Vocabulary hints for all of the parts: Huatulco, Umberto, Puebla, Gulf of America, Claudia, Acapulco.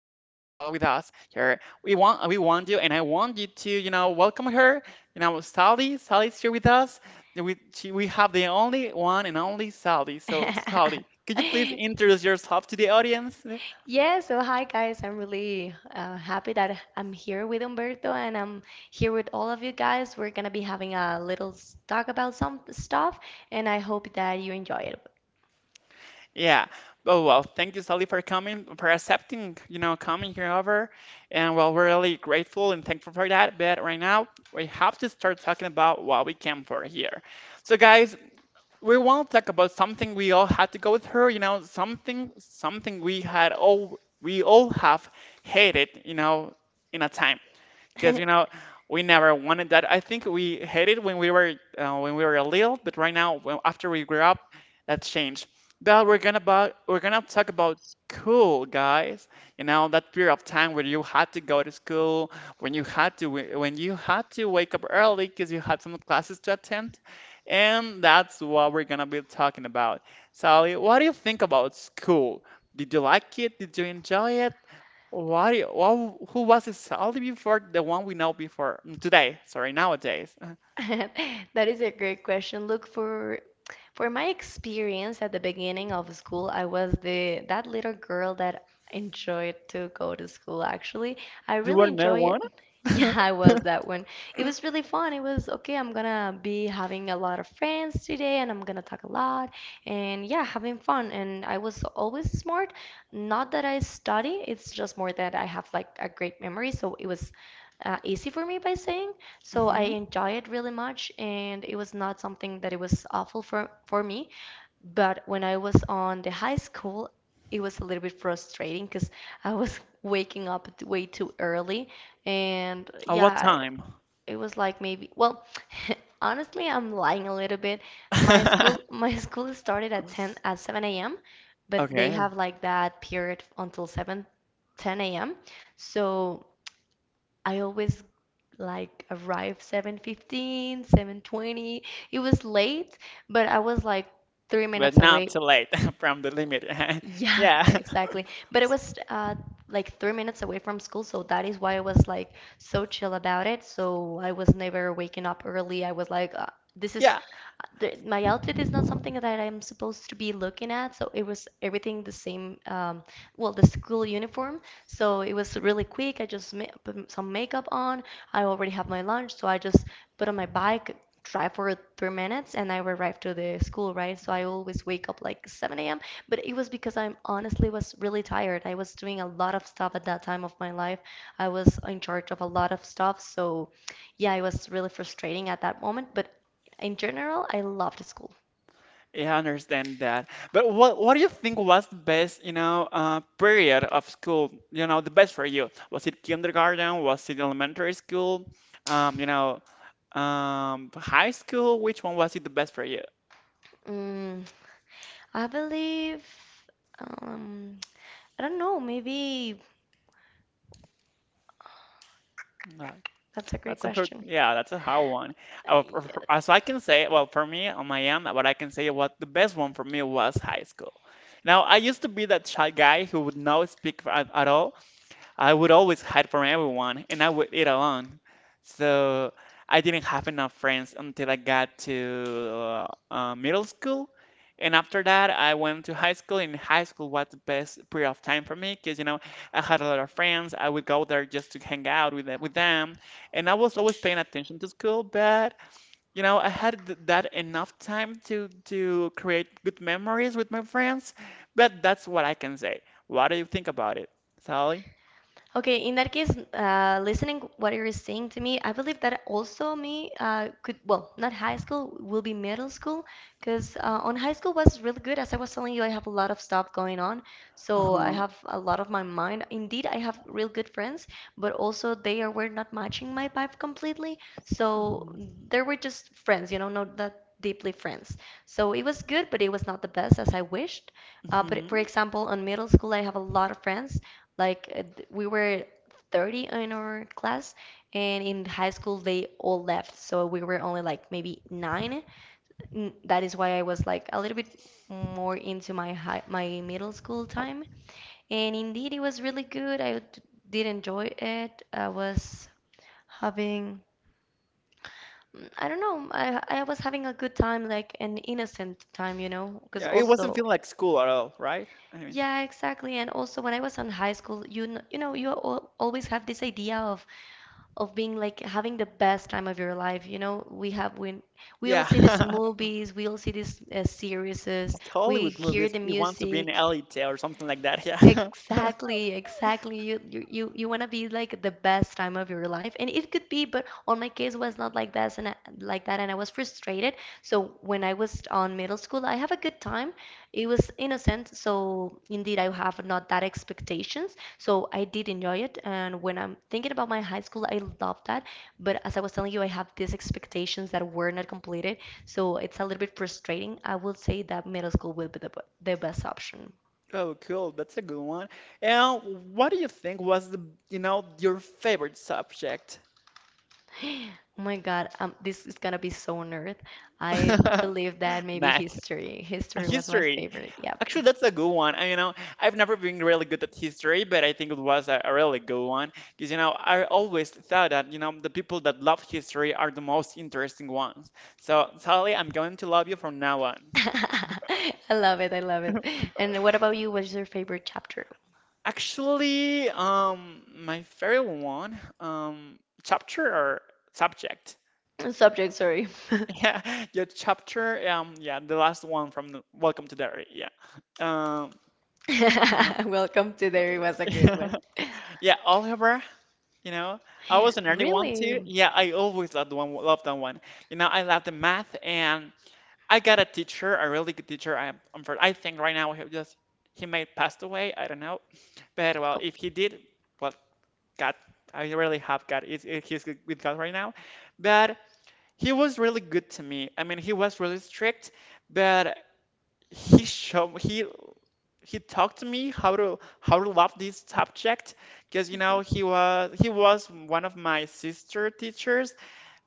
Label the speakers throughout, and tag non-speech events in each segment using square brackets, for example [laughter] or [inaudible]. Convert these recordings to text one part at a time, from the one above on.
Speaker 1: with us here. We want you, and I want you to, you know, welcome her. You know, Sally. Sally's here with us we have the only one and only Sally. So Sally,
Speaker 2: [laughs]
Speaker 1: could you please introduce yourself to the audience?
Speaker 2: Yeah, so hi guys, I'm really happy that I'm here with Umberto and I'm here with all of you guys. We're gonna be having a little talk about some stuff, and I hope that you enjoy it.
Speaker 1: Yeah. Oh well, thank you, Sally, for coming, for accepting, you know, coming here over, and well, we're really grateful and thankful for that. But right now, we have to start talking about what we came for here. So guys, we want to talk about something we all had to go through, you know, something we all have hated, you know, in a time, because you
Speaker 2: [laughs]
Speaker 1: know we never wanted that. I think we hated when we were little, but right now, well, after we grew up, that's changed. But we're gonna talk about school, guys. You know, that period of time where you had to go to school, when you had to when you had to wake up early because you had some classes to attend, and that's what we're gonna be talking about. Sally, what do you think about school? Did you like it? Did you enjoy it? Who was this Sally before? The one we know before today. Sorry, nowadays.
Speaker 2: [laughs] That is a great question. Look, for my experience at the beginning of school, I was the that little girl that enjoyed to go to school, actually. I
Speaker 1: You
Speaker 2: really
Speaker 1: were
Speaker 2: enjoy it.
Speaker 1: marijuana?
Speaker 2: [laughs] Yeah, I was that one. It was really fun. It was okay, I'm gonna be having a lot of friends today and I'm gonna talk a lot and yeah, having fun. And I was always smart. Not that I study, it's just more that I have like a great memory, so it was easy for me by saying. So I
Speaker 1: Mm-hmm.
Speaker 2: enjoy it really much, and it was not something that it was awful for me. But when I was on the high school, it was a little bit frustrating because I was [laughs] waking up way too early, and
Speaker 1: At what
Speaker 2: yeah,
Speaker 1: time?
Speaker 2: it was like maybe well, [laughs] honestly, I'm lying a little bit. My school
Speaker 1: [laughs]
Speaker 2: my [laughs] school started at 10 at 7 a.m., but they
Speaker 1: Okay,
Speaker 2: have like that period until 7:10 a.m. So I always like arrived 7:15, 7:20. It was late, but I was like three
Speaker 1: but
Speaker 2: minutes
Speaker 1: not
Speaker 2: away.
Speaker 1: too late [laughs] from the limit. [laughs]
Speaker 2: Yeah,
Speaker 1: Yeah,
Speaker 2: [laughs] exactly. But it was like 3 minutes away from school, so that is why I was like so chill about it. So I was never waking up early. I was like, this is
Speaker 1: [laughs] yeah,
Speaker 2: my outfit is not something that I'm supposed to be looking at, so it was everything the same. Well, the school uniform, so it was really quick. I just ma put some makeup on. I already have my lunch, so I just put on my bike, drive for 3 minutes, and I arrived to the school, right? So I always wake up like 7 a.m. But it was because I honestly was really tired. I was doing a lot of stuff at that time of my life. I was in charge of a lot of stuff, so yeah, it was really frustrating at that moment, but in general, I loved school.
Speaker 1: yeah, I understand that. But what do you think was the best, you know, period of school? You know, the best for you? Was it kindergarten? Was it elementary school? You know, high school? Which one was it the best for you?
Speaker 2: Mm, I believe, um, I don't know, maybe
Speaker 1: Uh,
Speaker 2: that's a great
Speaker 1: That's a hard,
Speaker 2: question.
Speaker 1: yeah, that's a hard one.
Speaker 2: Yes.
Speaker 1: As I can say, well, for me on my end, what I can say what the best one for me was high school. Now, I used to be that shy guy who would not speak at all. I would always hide from everyone and I would eat alone. So I didn't have enough friends until I got to middle school. And after that, I went to high school, and high school was the best period of time for me because, you know, I had a lot of friends. I would go there just to hang out with, with them. And I was always paying attention to school, but, you know, I had that enough time to create good memories with my friends. But that's what I can say. What do you think about it, Sally?
Speaker 2: Okay, in that case, listening what you're saying to me, I believe that also me could, well, not high school, will be middle school, because on high school was really good. As I was telling you, I have a lot of stuff going on, so I have a lot of my mind. Indeed, I have real good friends, but also were not matching my vibe completely, so they were just friends, not that deeply friends. So it was good, but it was not the best as I wished. But
Speaker 1: Hmm.
Speaker 2: for example, in middle school, I have a lot of friends like we were 30 in our class, and in high school they all left, so we were only like maybe nine. That is why I was like a little bit more into my middle school time. And indeed, it was really good. Did enjoy it. Having I don't know. I was having a good time, like an innocent time, you know, because
Speaker 1: Yeah, it wasn't
Speaker 2: also
Speaker 1: feeling like school at all, right? I mean,
Speaker 2: yeah, exactly. And also when I was in high school, you al always have this idea of being like having the best time of your life. You know, we have when we all
Speaker 1: yeah,
Speaker 2: see these
Speaker 1: [laughs]
Speaker 2: movies, we all see these series,
Speaker 1: just
Speaker 2: we
Speaker 1: Hollywood
Speaker 2: hear
Speaker 1: movies.
Speaker 2: the
Speaker 1: You want to be an
Speaker 2: music.
Speaker 1: elite or something like that. Yeah. [laughs]
Speaker 2: Exactly, exactly. You want to be like the best time of your life, and it could be, but on my case was not like that, like that, and I was frustrated. So when I was on middle school, I have a good time. It was innocent, so indeed I have not that expectations. So I did enjoy it, and when I'm thinking about my high school, I love that. But as I was telling you, I have these expectations that were not completed, so it's a little bit frustrating. I would say that middle school will be the best option.
Speaker 1: Oh, cool. That's a good one. And what do you think was the, you know, your favorite subject?
Speaker 2: [gasps] Oh my God, this is gonna be so nerd. I
Speaker 1: [laughs]
Speaker 2: believe that maybe
Speaker 1: Math.
Speaker 2: history. History was my
Speaker 1: History.
Speaker 2: favorite. Yep.
Speaker 1: Actually, that's a good one. I, you know, I've never been really good at history, but I think it was a really good one because, you know, I always thought that, you know, the people that love history are the most interesting ones. So, Sally, I'm going to love you from now on.
Speaker 2: [laughs] I love it. I love it. And what about you? What's your favorite chapter?
Speaker 1: Actually, my favorite one, chapter or subject. [laughs]
Speaker 2: [clears throat] Subject, sorry.
Speaker 1: Yeah, your chapter, yeah, the last one from the Welcome to Derry. Yeah. Um,
Speaker 2: [laughs] [laughs] Welcome to There It Was a Good
Speaker 1: uh,
Speaker 2: One.
Speaker 1: [laughs] yeah, Oliver. You know, I was a nerdy one
Speaker 2: Really?
Speaker 1: too. Yeah, I always loved that one. You know, I loved the math, and I got a teacher, a really good teacher. I think right now he just he may have passed away. I don't know, but well,
Speaker 2: Oh.
Speaker 1: if he did, well, God, I really have God. He's with God right now, but he was really good to me. I mean, he was really strict, but he showed he talked to me how to love this subject, because you know he was one of my sister teachers,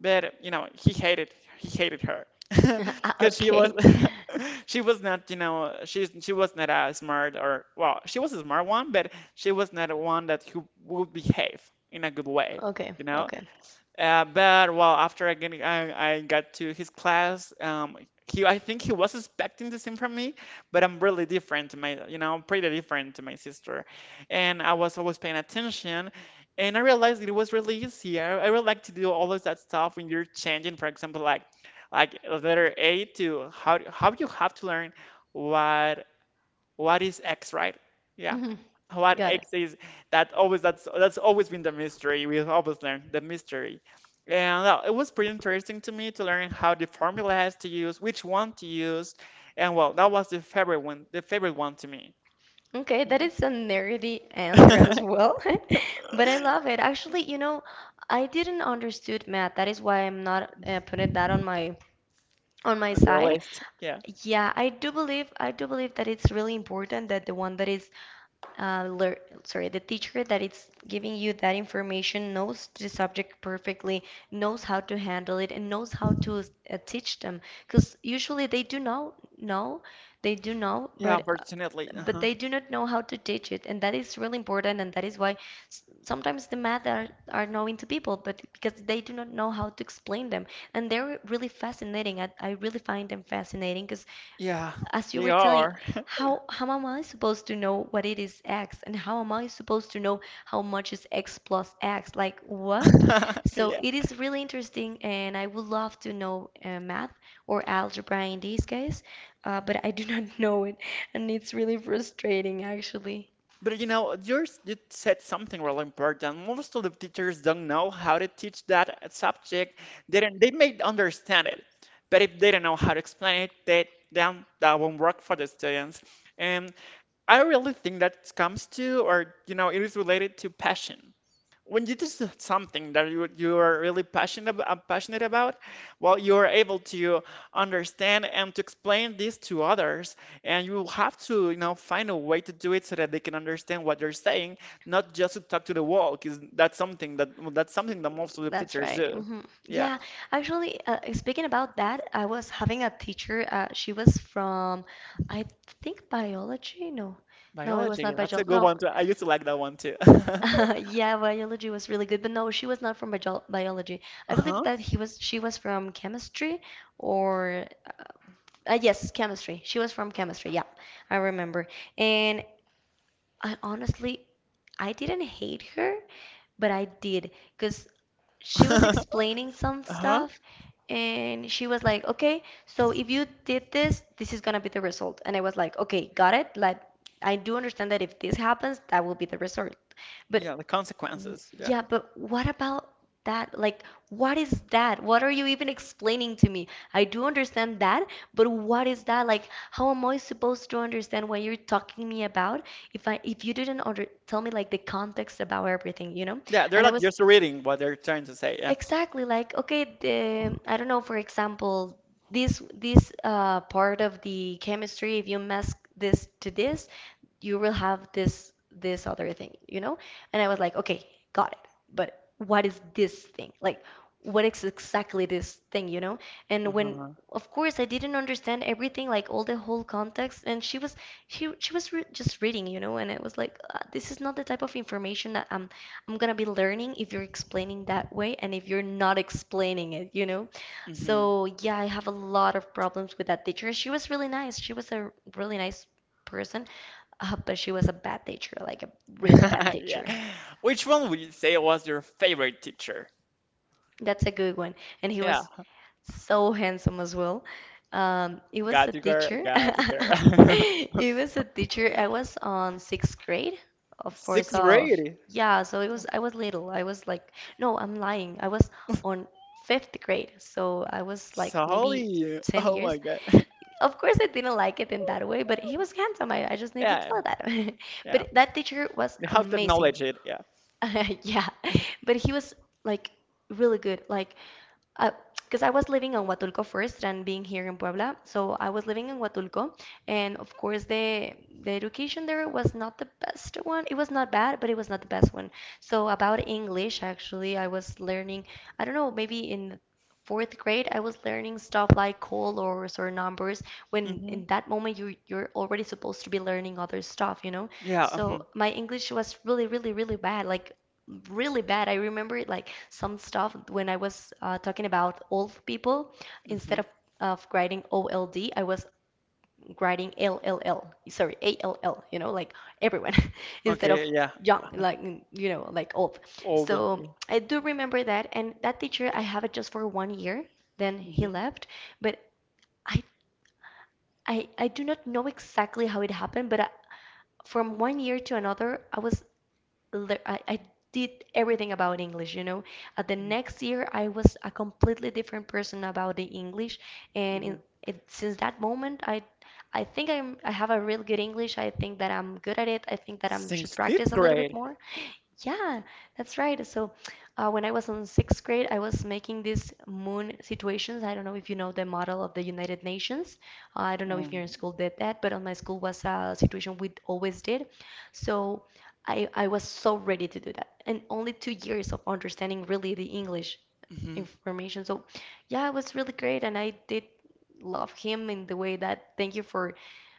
Speaker 1: but you know he hated her. [laughs]
Speaker 2: [laughs] Ah,
Speaker 1: Because she was
Speaker 2: okay.
Speaker 1: [laughs] she was not, you know, she was not a smart, or well, she was a smart one, but she was not one that who would behave in a good way,
Speaker 2: Okay.
Speaker 1: you know.
Speaker 2: Okay.
Speaker 1: But well, after I got to his class, he, I think he was expecting the same from me, but I'm really different to my, you know, pretty different to my sister, and I was always paying attention, and I realized it was really easy. I really like to do all of that stuff when you're changing, for example, like letter A to how you have to learn what what is X, right? Yeah.
Speaker 2: Mhm.
Speaker 1: What
Speaker 2: Got
Speaker 1: X is, that always, that's always been the mystery. We've always learned the mystery. And well, it was pretty interesting to me to learn how the formula has to use, which one to use, and well, that was the favorite one to me.
Speaker 2: Okay, that
Speaker 1: Mm.
Speaker 2: is a nerdy answer as
Speaker 1: [laughs]
Speaker 2: well, [laughs] but I love it. Actually, I didn't understood math. That is why I'm not putting that on my
Speaker 1: On your
Speaker 2: side.
Speaker 1: list. Yeah.
Speaker 2: Yeah, I do believe that it's really important that uh, lear the teacher that is giving you that information knows the subject perfectly, knows how to handle it, and knows how to teach them. Because usually they do know they do know,
Speaker 1: Yeah, unfortunately.
Speaker 2: but
Speaker 1: Uh-huh.
Speaker 2: they do not know how to teach it, and that is really important, and that is why sometimes the math are known to people but because they do not know how to explain them, and they're really fascinating. I really find them fascinating because
Speaker 1: Yeah,
Speaker 2: as you
Speaker 1: they
Speaker 2: were telling,
Speaker 1: are.
Speaker 2: how am I supposed to know what it is x, and how am I supposed to know how much is x plus x? Like what?
Speaker 1: [laughs]
Speaker 2: So
Speaker 1: Yeah.
Speaker 2: it is really interesting, and I would love to know math or algebra in this case, but I do [laughs] not know it, and it's really frustrating actually.
Speaker 1: But you know, yours, you said something really important. Most of the teachers don't know how to teach that subject. They don't, they may understand it, but if they don't know how to explain it, they then that won't work for the students. And I really think that comes to, or you know, it is related to passion. When you do something that you are really passionate about, well, you are able to understand and to explain this to others, and you will have to, you know, find a way to do it so that they can understand what you're saying, not just to talk to the wall, because that's something that well, that's something that most of the
Speaker 2: That's
Speaker 1: teachers
Speaker 2: right.
Speaker 1: do.
Speaker 2: Hmm.
Speaker 1: Yeah,
Speaker 2: Yeah, actually, speaking about that, I was having a teacher. She was from, I think, biology. No, no, it was
Speaker 1: biology.
Speaker 2: not
Speaker 1: That's a
Speaker 2: biology.
Speaker 1: good
Speaker 2: No,
Speaker 1: one too. I used to like that one too. [laughs]
Speaker 2: [laughs] Yeah, biology was really good, but no, she was not from biology. I believe
Speaker 1: Uh-huh.
Speaker 2: that he was she was from chemistry, or yes, chemistry. She was from chemistry. Yeah, I remember. And I honestly I didn't hate her, but I did because she was
Speaker 1: [laughs]
Speaker 2: explaining some
Speaker 1: Uh-huh.
Speaker 2: stuff and she was like, "Okay, so if you did this, this is gonna be the result." And I was like, "Okay, got it. Like, I do understand that if this happens, that will be the result." But
Speaker 1: Yeah, the
Speaker 2: W-
Speaker 1: consequences. Yeah.
Speaker 2: yeah, but what about that? Like, what is that? What are you even explaining to me? I do understand that, but what is that? Like, how am I supposed to understand what you're talking me about if you didn't under tell me like the context about everything, you know?
Speaker 1: Yeah, they're
Speaker 2: And I
Speaker 1: like
Speaker 2: was
Speaker 1: just reading what they're trying to say. Yeah.
Speaker 2: exactly like, okay, the I don't know, for example, this part of the chemistry, if you mess this to this, you will have this other thing, you know? And I was like, okay, got it. But what is this thing? Like, what is exactly this thing, you know? And when,
Speaker 1: Uh-huh.
Speaker 2: of course, I didn't understand everything, like all the whole context. And she she was re just reading, you know? And I was like, this is not the type of information that I'm gonna be learning if you're explaining that way, and if you're not explaining it, you know?
Speaker 1: Hmm.
Speaker 2: So yeah, I have a lot of problems with that teacher. She was really nice. She was a really nice person, but she was a bad teacher, like a
Speaker 1: [laughs]
Speaker 2: really bad
Speaker 1: Yeah.
Speaker 2: teacher.
Speaker 1: Which one would you say was your favorite teacher?
Speaker 2: That's a good one. And he
Speaker 1: Yeah.
Speaker 2: was so handsome as well. He was a
Speaker 1: Got you, girl.
Speaker 2: teacher.
Speaker 1: Got you,
Speaker 2: [laughs]
Speaker 1: girl. [laughs]
Speaker 2: He was a teacher. I was on sixth grade, of course,
Speaker 1: Sixth
Speaker 2: of
Speaker 1: grade.
Speaker 2: yeah, so it was I was little. I was like, no, I'm lying. I was on fifth grade, so I was like maybe
Speaker 1: Solid.
Speaker 2: 10
Speaker 1: Oh my
Speaker 2: years.
Speaker 1: god. [laughs]
Speaker 2: Of course, I didn't like it in that way, but he was handsome. I just need to
Speaker 1: Yeah.
Speaker 2: tell that. [laughs]
Speaker 1: Yeah.
Speaker 2: But that teacher was
Speaker 1: You have to
Speaker 2: amazing.
Speaker 1: acknowledge it. Yeah.
Speaker 2: [laughs] Yeah, but he was like really good. Like, because I was living on Huatulco first and being here in Puebla, so I was living in Huatulco, and of course the education there was not the best one. It was not bad, but it was not the best one. So about English, actually, I was learning. I don't know, maybe in fourth grade, I was learning stuff like colors or numbers when
Speaker 1: Hmm.
Speaker 2: in that moment you're already supposed to be learning other stuff, you know?
Speaker 1: Yeah. Hmm.
Speaker 2: So my English was really, really, really bad. Like, really bad. I remember it, like some stuff when I was talking about old people, instead
Speaker 1: Hmm.
Speaker 2: of writing OLD, I was writing LLL. Sorry, ALL, you know, like everyone [laughs] instead
Speaker 1: Okay.
Speaker 2: of
Speaker 1: Yeah.
Speaker 2: young, like you know, like old.
Speaker 1: Older.
Speaker 2: So
Speaker 1: Yeah.
Speaker 2: I do remember that, and that teacher I have it just for 1 year, then he
Speaker 1: Hmm.
Speaker 2: left, but I I do not know exactly how it happened, but I, from 1 year to another, I was I did everything about English, you know. At the next year, I was a completely different person about the English, and
Speaker 1: Hmm.
Speaker 2: since that moment, I think I'm I have a real good English. I think that I'm good at it. I think that I should
Speaker 1: Since
Speaker 2: practice
Speaker 1: fifth
Speaker 2: a little bit
Speaker 1: grade.
Speaker 2: more, yeah, that's right. So, when I was in sixth grade, I was making these moon situations. I don't know if you know the model of the United Nations. I don't know if
Speaker 1: Um,
Speaker 2: your school did that, but on my school was a situation we always did. So, I was so ready to do that, and only 2 years of understanding really the English
Speaker 1: hmm.
Speaker 2: information. So, yeah, it was really great, and I did love him in the way that thank you for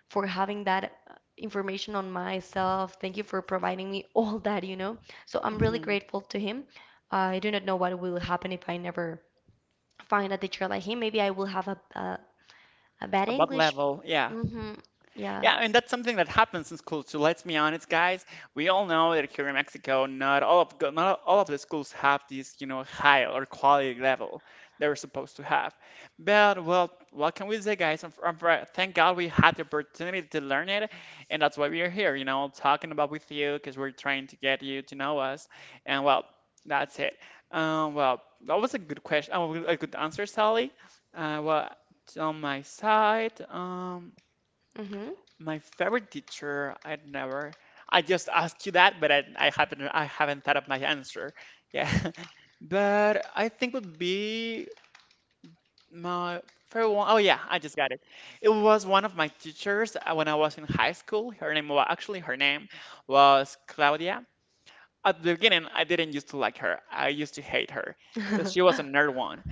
Speaker 2: for having that information on myself. Thank you for providing me [laughs] all that. So I'm really
Speaker 1: Hmm.
Speaker 2: grateful to him. I do not know what will happen if I never find a teacher like him. Maybe I will have a bad
Speaker 1: About
Speaker 2: English.
Speaker 1: level. Yeah.
Speaker 2: Mm-hmm. Yeah.
Speaker 1: Yeah, and that's something that happens in schools too. Let's be honest, guys. We all know that here in Mexico, not all of the schools have this, you know, high or quality level they're supposed to have. But well, what can we say, guys? Thank God we had the opportunity to learn it, and that's why we are here, you know, talking about with you because we're trying to get you to know us. And well, that's it. Well, that was a good question. Oh, a good answer, Sally. Well, on my side.
Speaker 2: Mm-hmm.
Speaker 1: My favorite teacher, I never. I just asked you that, but I haven't thought of my answer. Yeah, [laughs] but I think would be my favorite one. Oh yeah, I just got it. It was one of my teachers when I was in high school. Her name was, actually her name was Claudia. At the beginning, I didn't used to like her. I used to hate her because she was a
Speaker 2: [laughs]
Speaker 1: nerd one.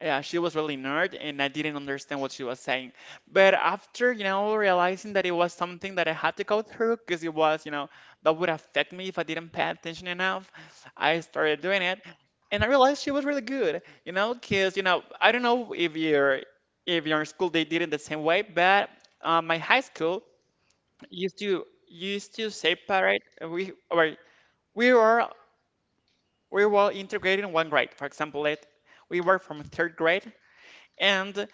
Speaker 1: Yeah, she was really nerd, and I didn't understand what she was saying. But after, you know, realizing that it was something that I had to go through because it was, you know, that would affect me if I didn't pay attention enough, I started doing it, and I realized she was really good, you know, because, you know, I don't know if you're if your school they did it the same way, but my high school used to separate we or we were, we were integrated in one grade. For example, it we were from third grade. And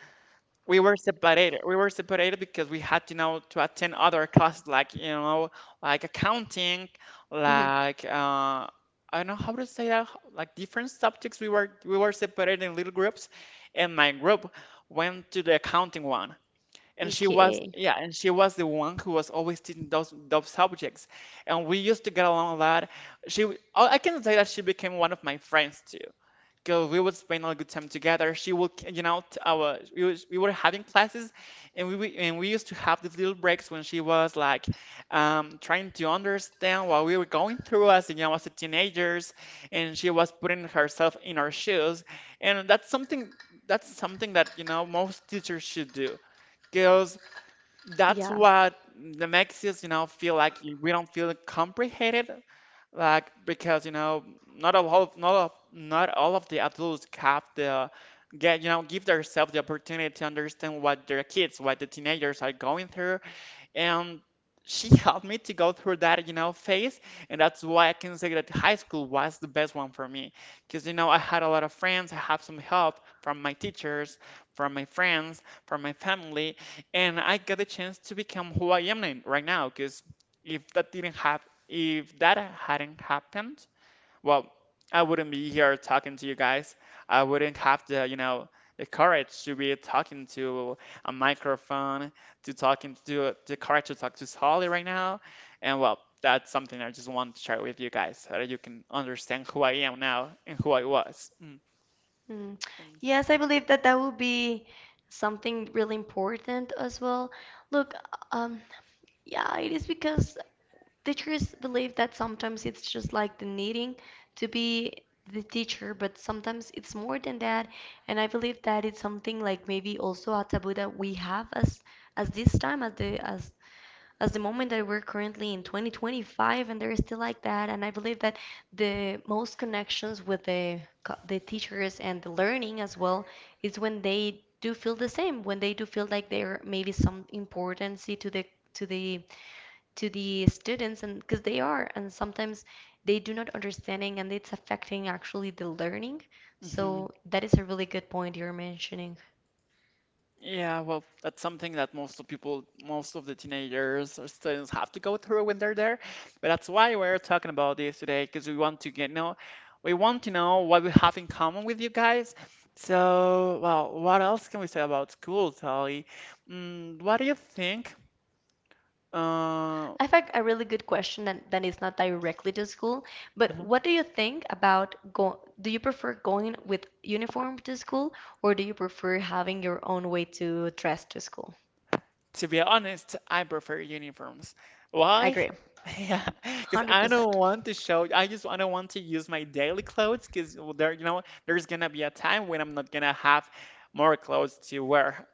Speaker 1: we were separated. We were separated because we had to now to attend other classes, like, you know, like accounting,
Speaker 2: hmm
Speaker 1: like I don't know how to say that, like different subjects. We were separated in little groups, and my group went to the accounting one. And she was,
Speaker 2: Okay.
Speaker 1: yeah, and she was the one who was always teaching those subjects, and we used to get along a lot. I can say that she became one of my friends too. Go We would spend a good time together. She would you know t- our we, was, We were having classes, and we used to have these little breaks when she was like, trying to understand what we were going through as you know as a teenagers, and she was putting herself in our shoes. And that's something, that's something that most teachers should do, because that's
Speaker 2: Yeah.
Speaker 1: what, that makes us, feel like, we don't feel comprehended, like, because you know not all of not all of the adults have the get you know give themselves the opportunity to understand what their kids, what the teenagers are going through. And she [laughs] helped me to go through that, phase. And that's why I can say that high school was the best one for me, because, I had a lot of friends, I have some help from my teachers, from my friends, from my family, and I got the chance to become who I am right now. Because if that didn't happen, if that hadn't happened, well, I wouldn't be here talking to you guys. I wouldn't have the, the courage to be talking to a microphone, to talking to the courage to talk to Solly right now. And well, that's something I just want to share with you guys so that you can understand who I am now and who I was. Mm.
Speaker 2: Mm. Yes, I believe that that would be something really important as well. Look, um, yeah, it is because teachers believe that sometimes it's just like the needing to be the teacher, but sometimes it's more than that. And I believe that it's something like maybe also a taboo that we have as this time as the moment that we're currently in 2025, and they're still like that. And I believe that the most connections with the teachers and the learning as well is when they do feel the same, when they do feel like there may be some importance to the to the to the students, and because they are. And sometimes they do not understanding and it's affecting actually the learning.
Speaker 1: Mhm.
Speaker 2: So that is a really good point you're mentioning.
Speaker 1: Yeah, well, that's something that most of people, most of the teenagers or students have to go through when they're there. But that's why we're talking about this today, because we want to we want to know what we have in common with you guys. So, well, what else can we say about school, Sally? Mm, what do you think? Uh,
Speaker 2: I have a really good question that, that is not directly to school, but
Speaker 1: uh-huh.
Speaker 2: what do you think about go do you prefer going with uniform to school, or do you prefer having your own way to dress to school?
Speaker 1: To be honest, I prefer uniforms.
Speaker 2: I
Speaker 1: Why?
Speaker 2: agree.
Speaker 1: [laughs] Yeah, because I don't
Speaker 2: 100%.
Speaker 1: want to show. I don't want to use my daily clothes because there, there's gonna be a time when I'm not gonna have more clothes to wear.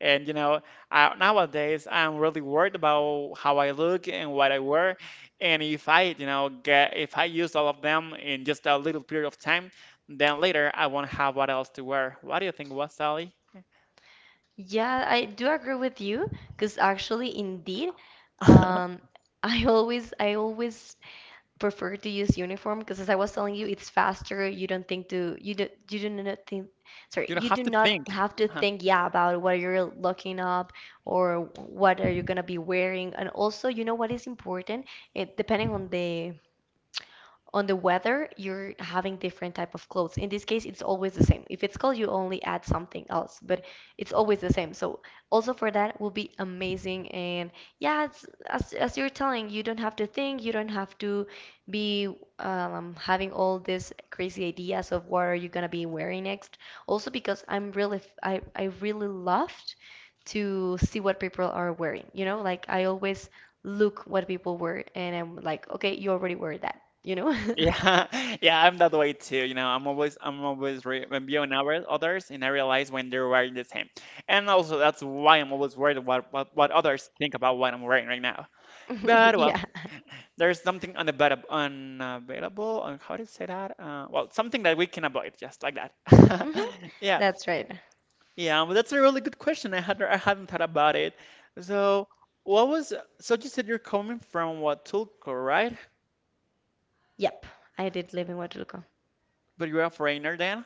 Speaker 1: And you know, I, nowadays I'm really worried about how I look and what I wear. And if I, get if I use all of them in just a little period of time, then later I won't have what else to wear. What do you think, what Sally? [laughs]
Speaker 2: Yeah, I do agree with you because actually indeed um I always prefer to use uniform because, as I was telling you, it's faster. You don't think to you do not think sorry,
Speaker 1: You don't
Speaker 2: You
Speaker 1: have
Speaker 2: do
Speaker 1: to
Speaker 2: not
Speaker 1: think.
Speaker 2: have to think, yeah, about what you're looking up, or what are you gonna be wearing. And also, you know what is important? It depending on the weather, you're having different type of clothes. In this case it's always the same. If it's cold, you only add something else, but it's always the same. So also for that will be amazing. And yeah, it's, as you're telling, you don't have to think, you don't have to be having all these crazy ideas of what are you gonna be wearing next. Also because I'm really f- I, am really I really loved to see what people are wearing, you know, like I always look what people wear, and I'm like, okay, you already wear that, you know?
Speaker 1: Yeah, [laughs] yeah, I'm that way too. You know, I'm always re reviewing others, and I realize when they're wearing the same. And also, that's why I'm always worried what others think about what I'm wearing right now.
Speaker 2: [laughs]
Speaker 1: But well,
Speaker 2: Yeah.
Speaker 1: there's something unavailable, unavailable, on how do you say that? Well, something that we can avoid, just like that.
Speaker 2: hmm
Speaker 1: [laughs] Yeah,
Speaker 2: That's right.
Speaker 1: yeah, but that's a really good question. I hadn't thought about it. So what was? So you said you're coming from Huatulco, right?
Speaker 2: Yep. I did live in Huatulco.
Speaker 1: But you're a foreigner then.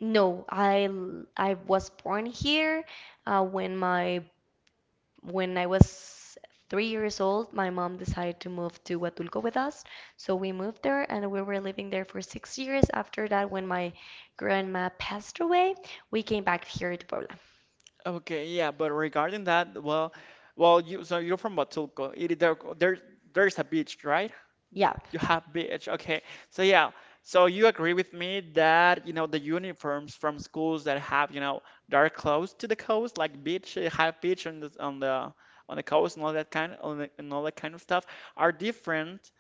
Speaker 2: No, I was born here. Uh, when my when I was 3 years old, my mom decided to move to Huatulco with us. So we moved there and we were living there for 6 years. After that, when my grandma passed away, we came back here to Puebla.
Speaker 1: Okay, yeah, but regarding that, well, well, you so you're from Huatulco. There's a beach, right?
Speaker 2: Yeah.
Speaker 1: You have beach. Okay, so yeah, so you agree with me that, you know, the uniforms from schools that have, you know, that are close to the coast, like beach, have beach on the on the on the coast, and all that kind of stuff, are different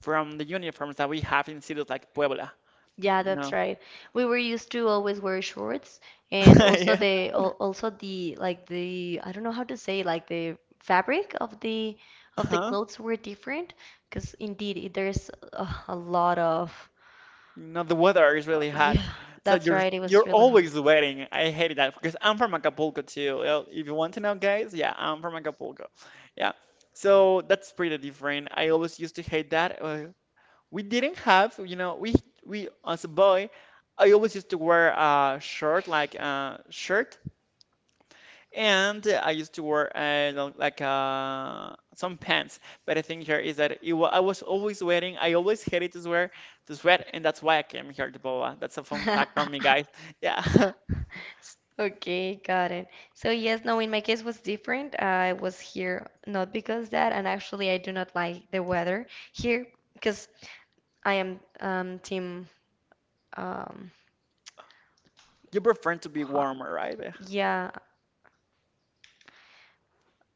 Speaker 1: from the uniforms that we have in cities like Puebla.
Speaker 2: Yeah,
Speaker 1: You
Speaker 2: that's
Speaker 1: know?
Speaker 2: right. We were used to always wear shorts, and
Speaker 1: [laughs]
Speaker 2: also
Speaker 1: Yeah.
Speaker 2: the al- also the like the, I don't know how to say, like the fabric of the
Speaker 1: Uh-huh.
Speaker 2: clothes were different, because indeed it- there's a lot of,
Speaker 1: No, the weather is really hot.
Speaker 2: yeah,
Speaker 1: So
Speaker 2: that's right. It was
Speaker 1: you're
Speaker 2: really hard.
Speaker 1: always sweating. I hate that because I'm from Acapulco too. Well, if you want to know, guys, yeah, I'm from Acapulco. Yeah. So that's pretty different. I always used to hate that. We didn't have, we as a boy, I always used to wear a shirt, like a shirt, and I used to wear some pants, but the thing here is that I was always wearing. I always hated to wear, to sweat, and that's why I came here to Boa. That's a fun fact from me,
Speaker 2: [laughs]
Speaker 1: guys. [laughs] Yeah, [laughs]
Speaker 2: S- Okay, got it. So yes, no, in my case was different. I was here not because that, and actually I do not like the weather here because I am team um
Speaker 1: you prefer to be
Speaker 2: hot.
Speaker 1: warmer, right?
Speaker 2: Yeah,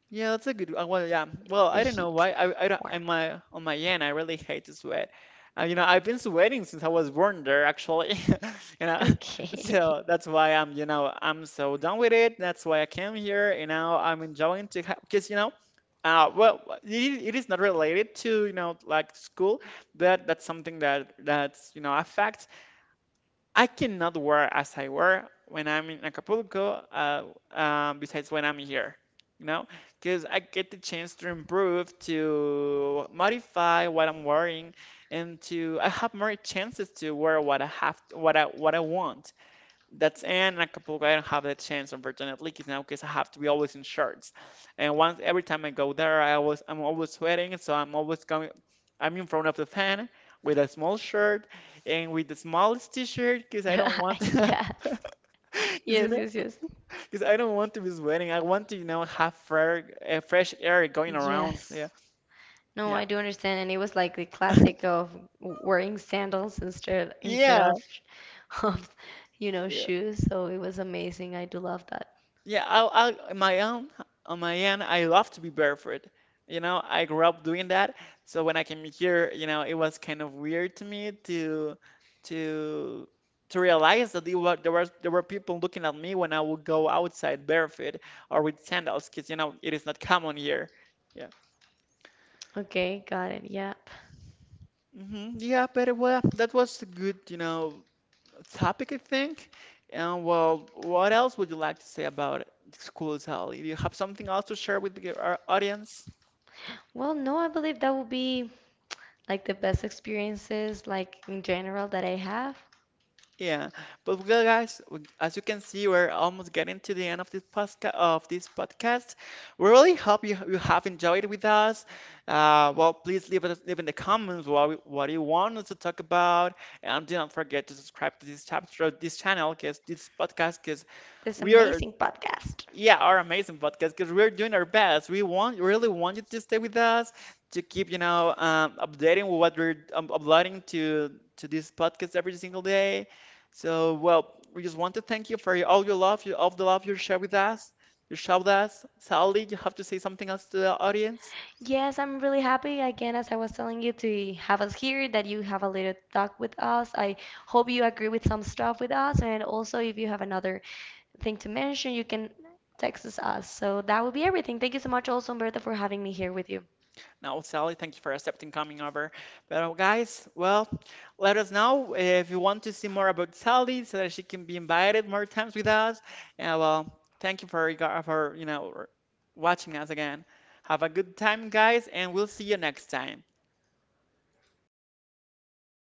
Speaker 1: Yeah, that's a good. Well, yeah. Well,
Speaker 2: the
Speaker 1: I don't know
Speaker 2: heat.
Speaker 1: why. I don't.
Speaker 2: Warm.
Speaker 1: On my end, I really hate to sweat. You know, I've been sweating since I was born there, actually. [laughs] You know, [laughs]
Speaker 2: Okay.
Speaker 1: so that's why I'm. You know, I'm so done with it. That's why I came here. You know, I'm enjoying to because you know, well, it is not related to, you know, like school, but that's something that that's you know affects. I cannot wear as I wear when I'm in Acapulco, besides when I'm here, you know, because I get the chance to improve, to modify what I'm wearing, and to I have more chances to wear what I have, what I want. That's Anne and a couple. Of I don't have that chance, unfortunately, because now, because I have to be always in shorts. And once every time I go there, I'm always sweating, so I'm always coming. I'm in front of the fan with a small shirt and with the smallest t-shirt because I don't want, [laughs]
Speaker 2: [laughs]
Speaker 1: because,
Speaker 2: Yes.
Speaker 1: you
Speaker 2: Yes,
Speaker 1: know,
Speaker 2: yes, yes.
Speaker 1: because I don't want to be sweating. I want to, you know, have fair, fresh air going around. Yeah,
Speaker 2: Yes. No,
Speaker 1: yeah,
Speaker 2: I do understand. And it was like the classic of wearing sandals instead
Speaker 1: yeah,
Speaker 2: of, [laughs] of, you know,
Speaker 1: yeah,
Speaker 2: shoes. So it was amazing. I do love that.
Speaker 1: yeah. My own, on my end, I love to be barefoot. You know, I grew up doing that. So when I came here, you know, it was kind of weird to me to to realize that there were people looking at me when I would go outside barefoot or with sandals, because you know it is not common here. Yeah.
Speaker 2: Okay, got it. Yep.
Speaker 1: Hmm. Yeah, but well, that was a good, you know, topic, I think. And well, what else would you like to say about school, Sally? Do you have something else to share with our audience?
Speaker 2: Well, no, I believe that would be like the best experiences, like in general, that I have.
Speaker 1: Yeah, but well, guys, as you can see, we're almost getting to the end of this podcast. Of this podcast, we really hope you have enjoyed it with us. Well, please leave in the comments what you want us to talk about, and do not forget to subscribe to this channel, because this podcast, because
Speaker 2: This
Speaker 1: we are,
Speaker 2: amazing podcast.
Speaker 1: yeah, our amazing podcast, because we're doing our best. We want really want you to stay with us, to keep, you know, updating with what we're, uploading to this podcast every single day. So well, we just want to thank you for all your love, all the love you share with us. You share with us. Sally, you have to say something else to the audience.
Speaker 2: Yes, I'm really happy again, as I was telling you, to have us here, that you have a little talk with us. I hope you agree with some stuff with us, and also if you have another thing to mention, you can text us. Us. So that will be everything. Thank you so much, also, Umberto, for having me here with you.
Speaker 1: No, Sally, thank you for accepting coming over. But guys, well, let us know if you want to see more about Sally so that she can be invited more times with us. And well, thank you for you know watching us again. Have a good time, guys, and we'll see you next time.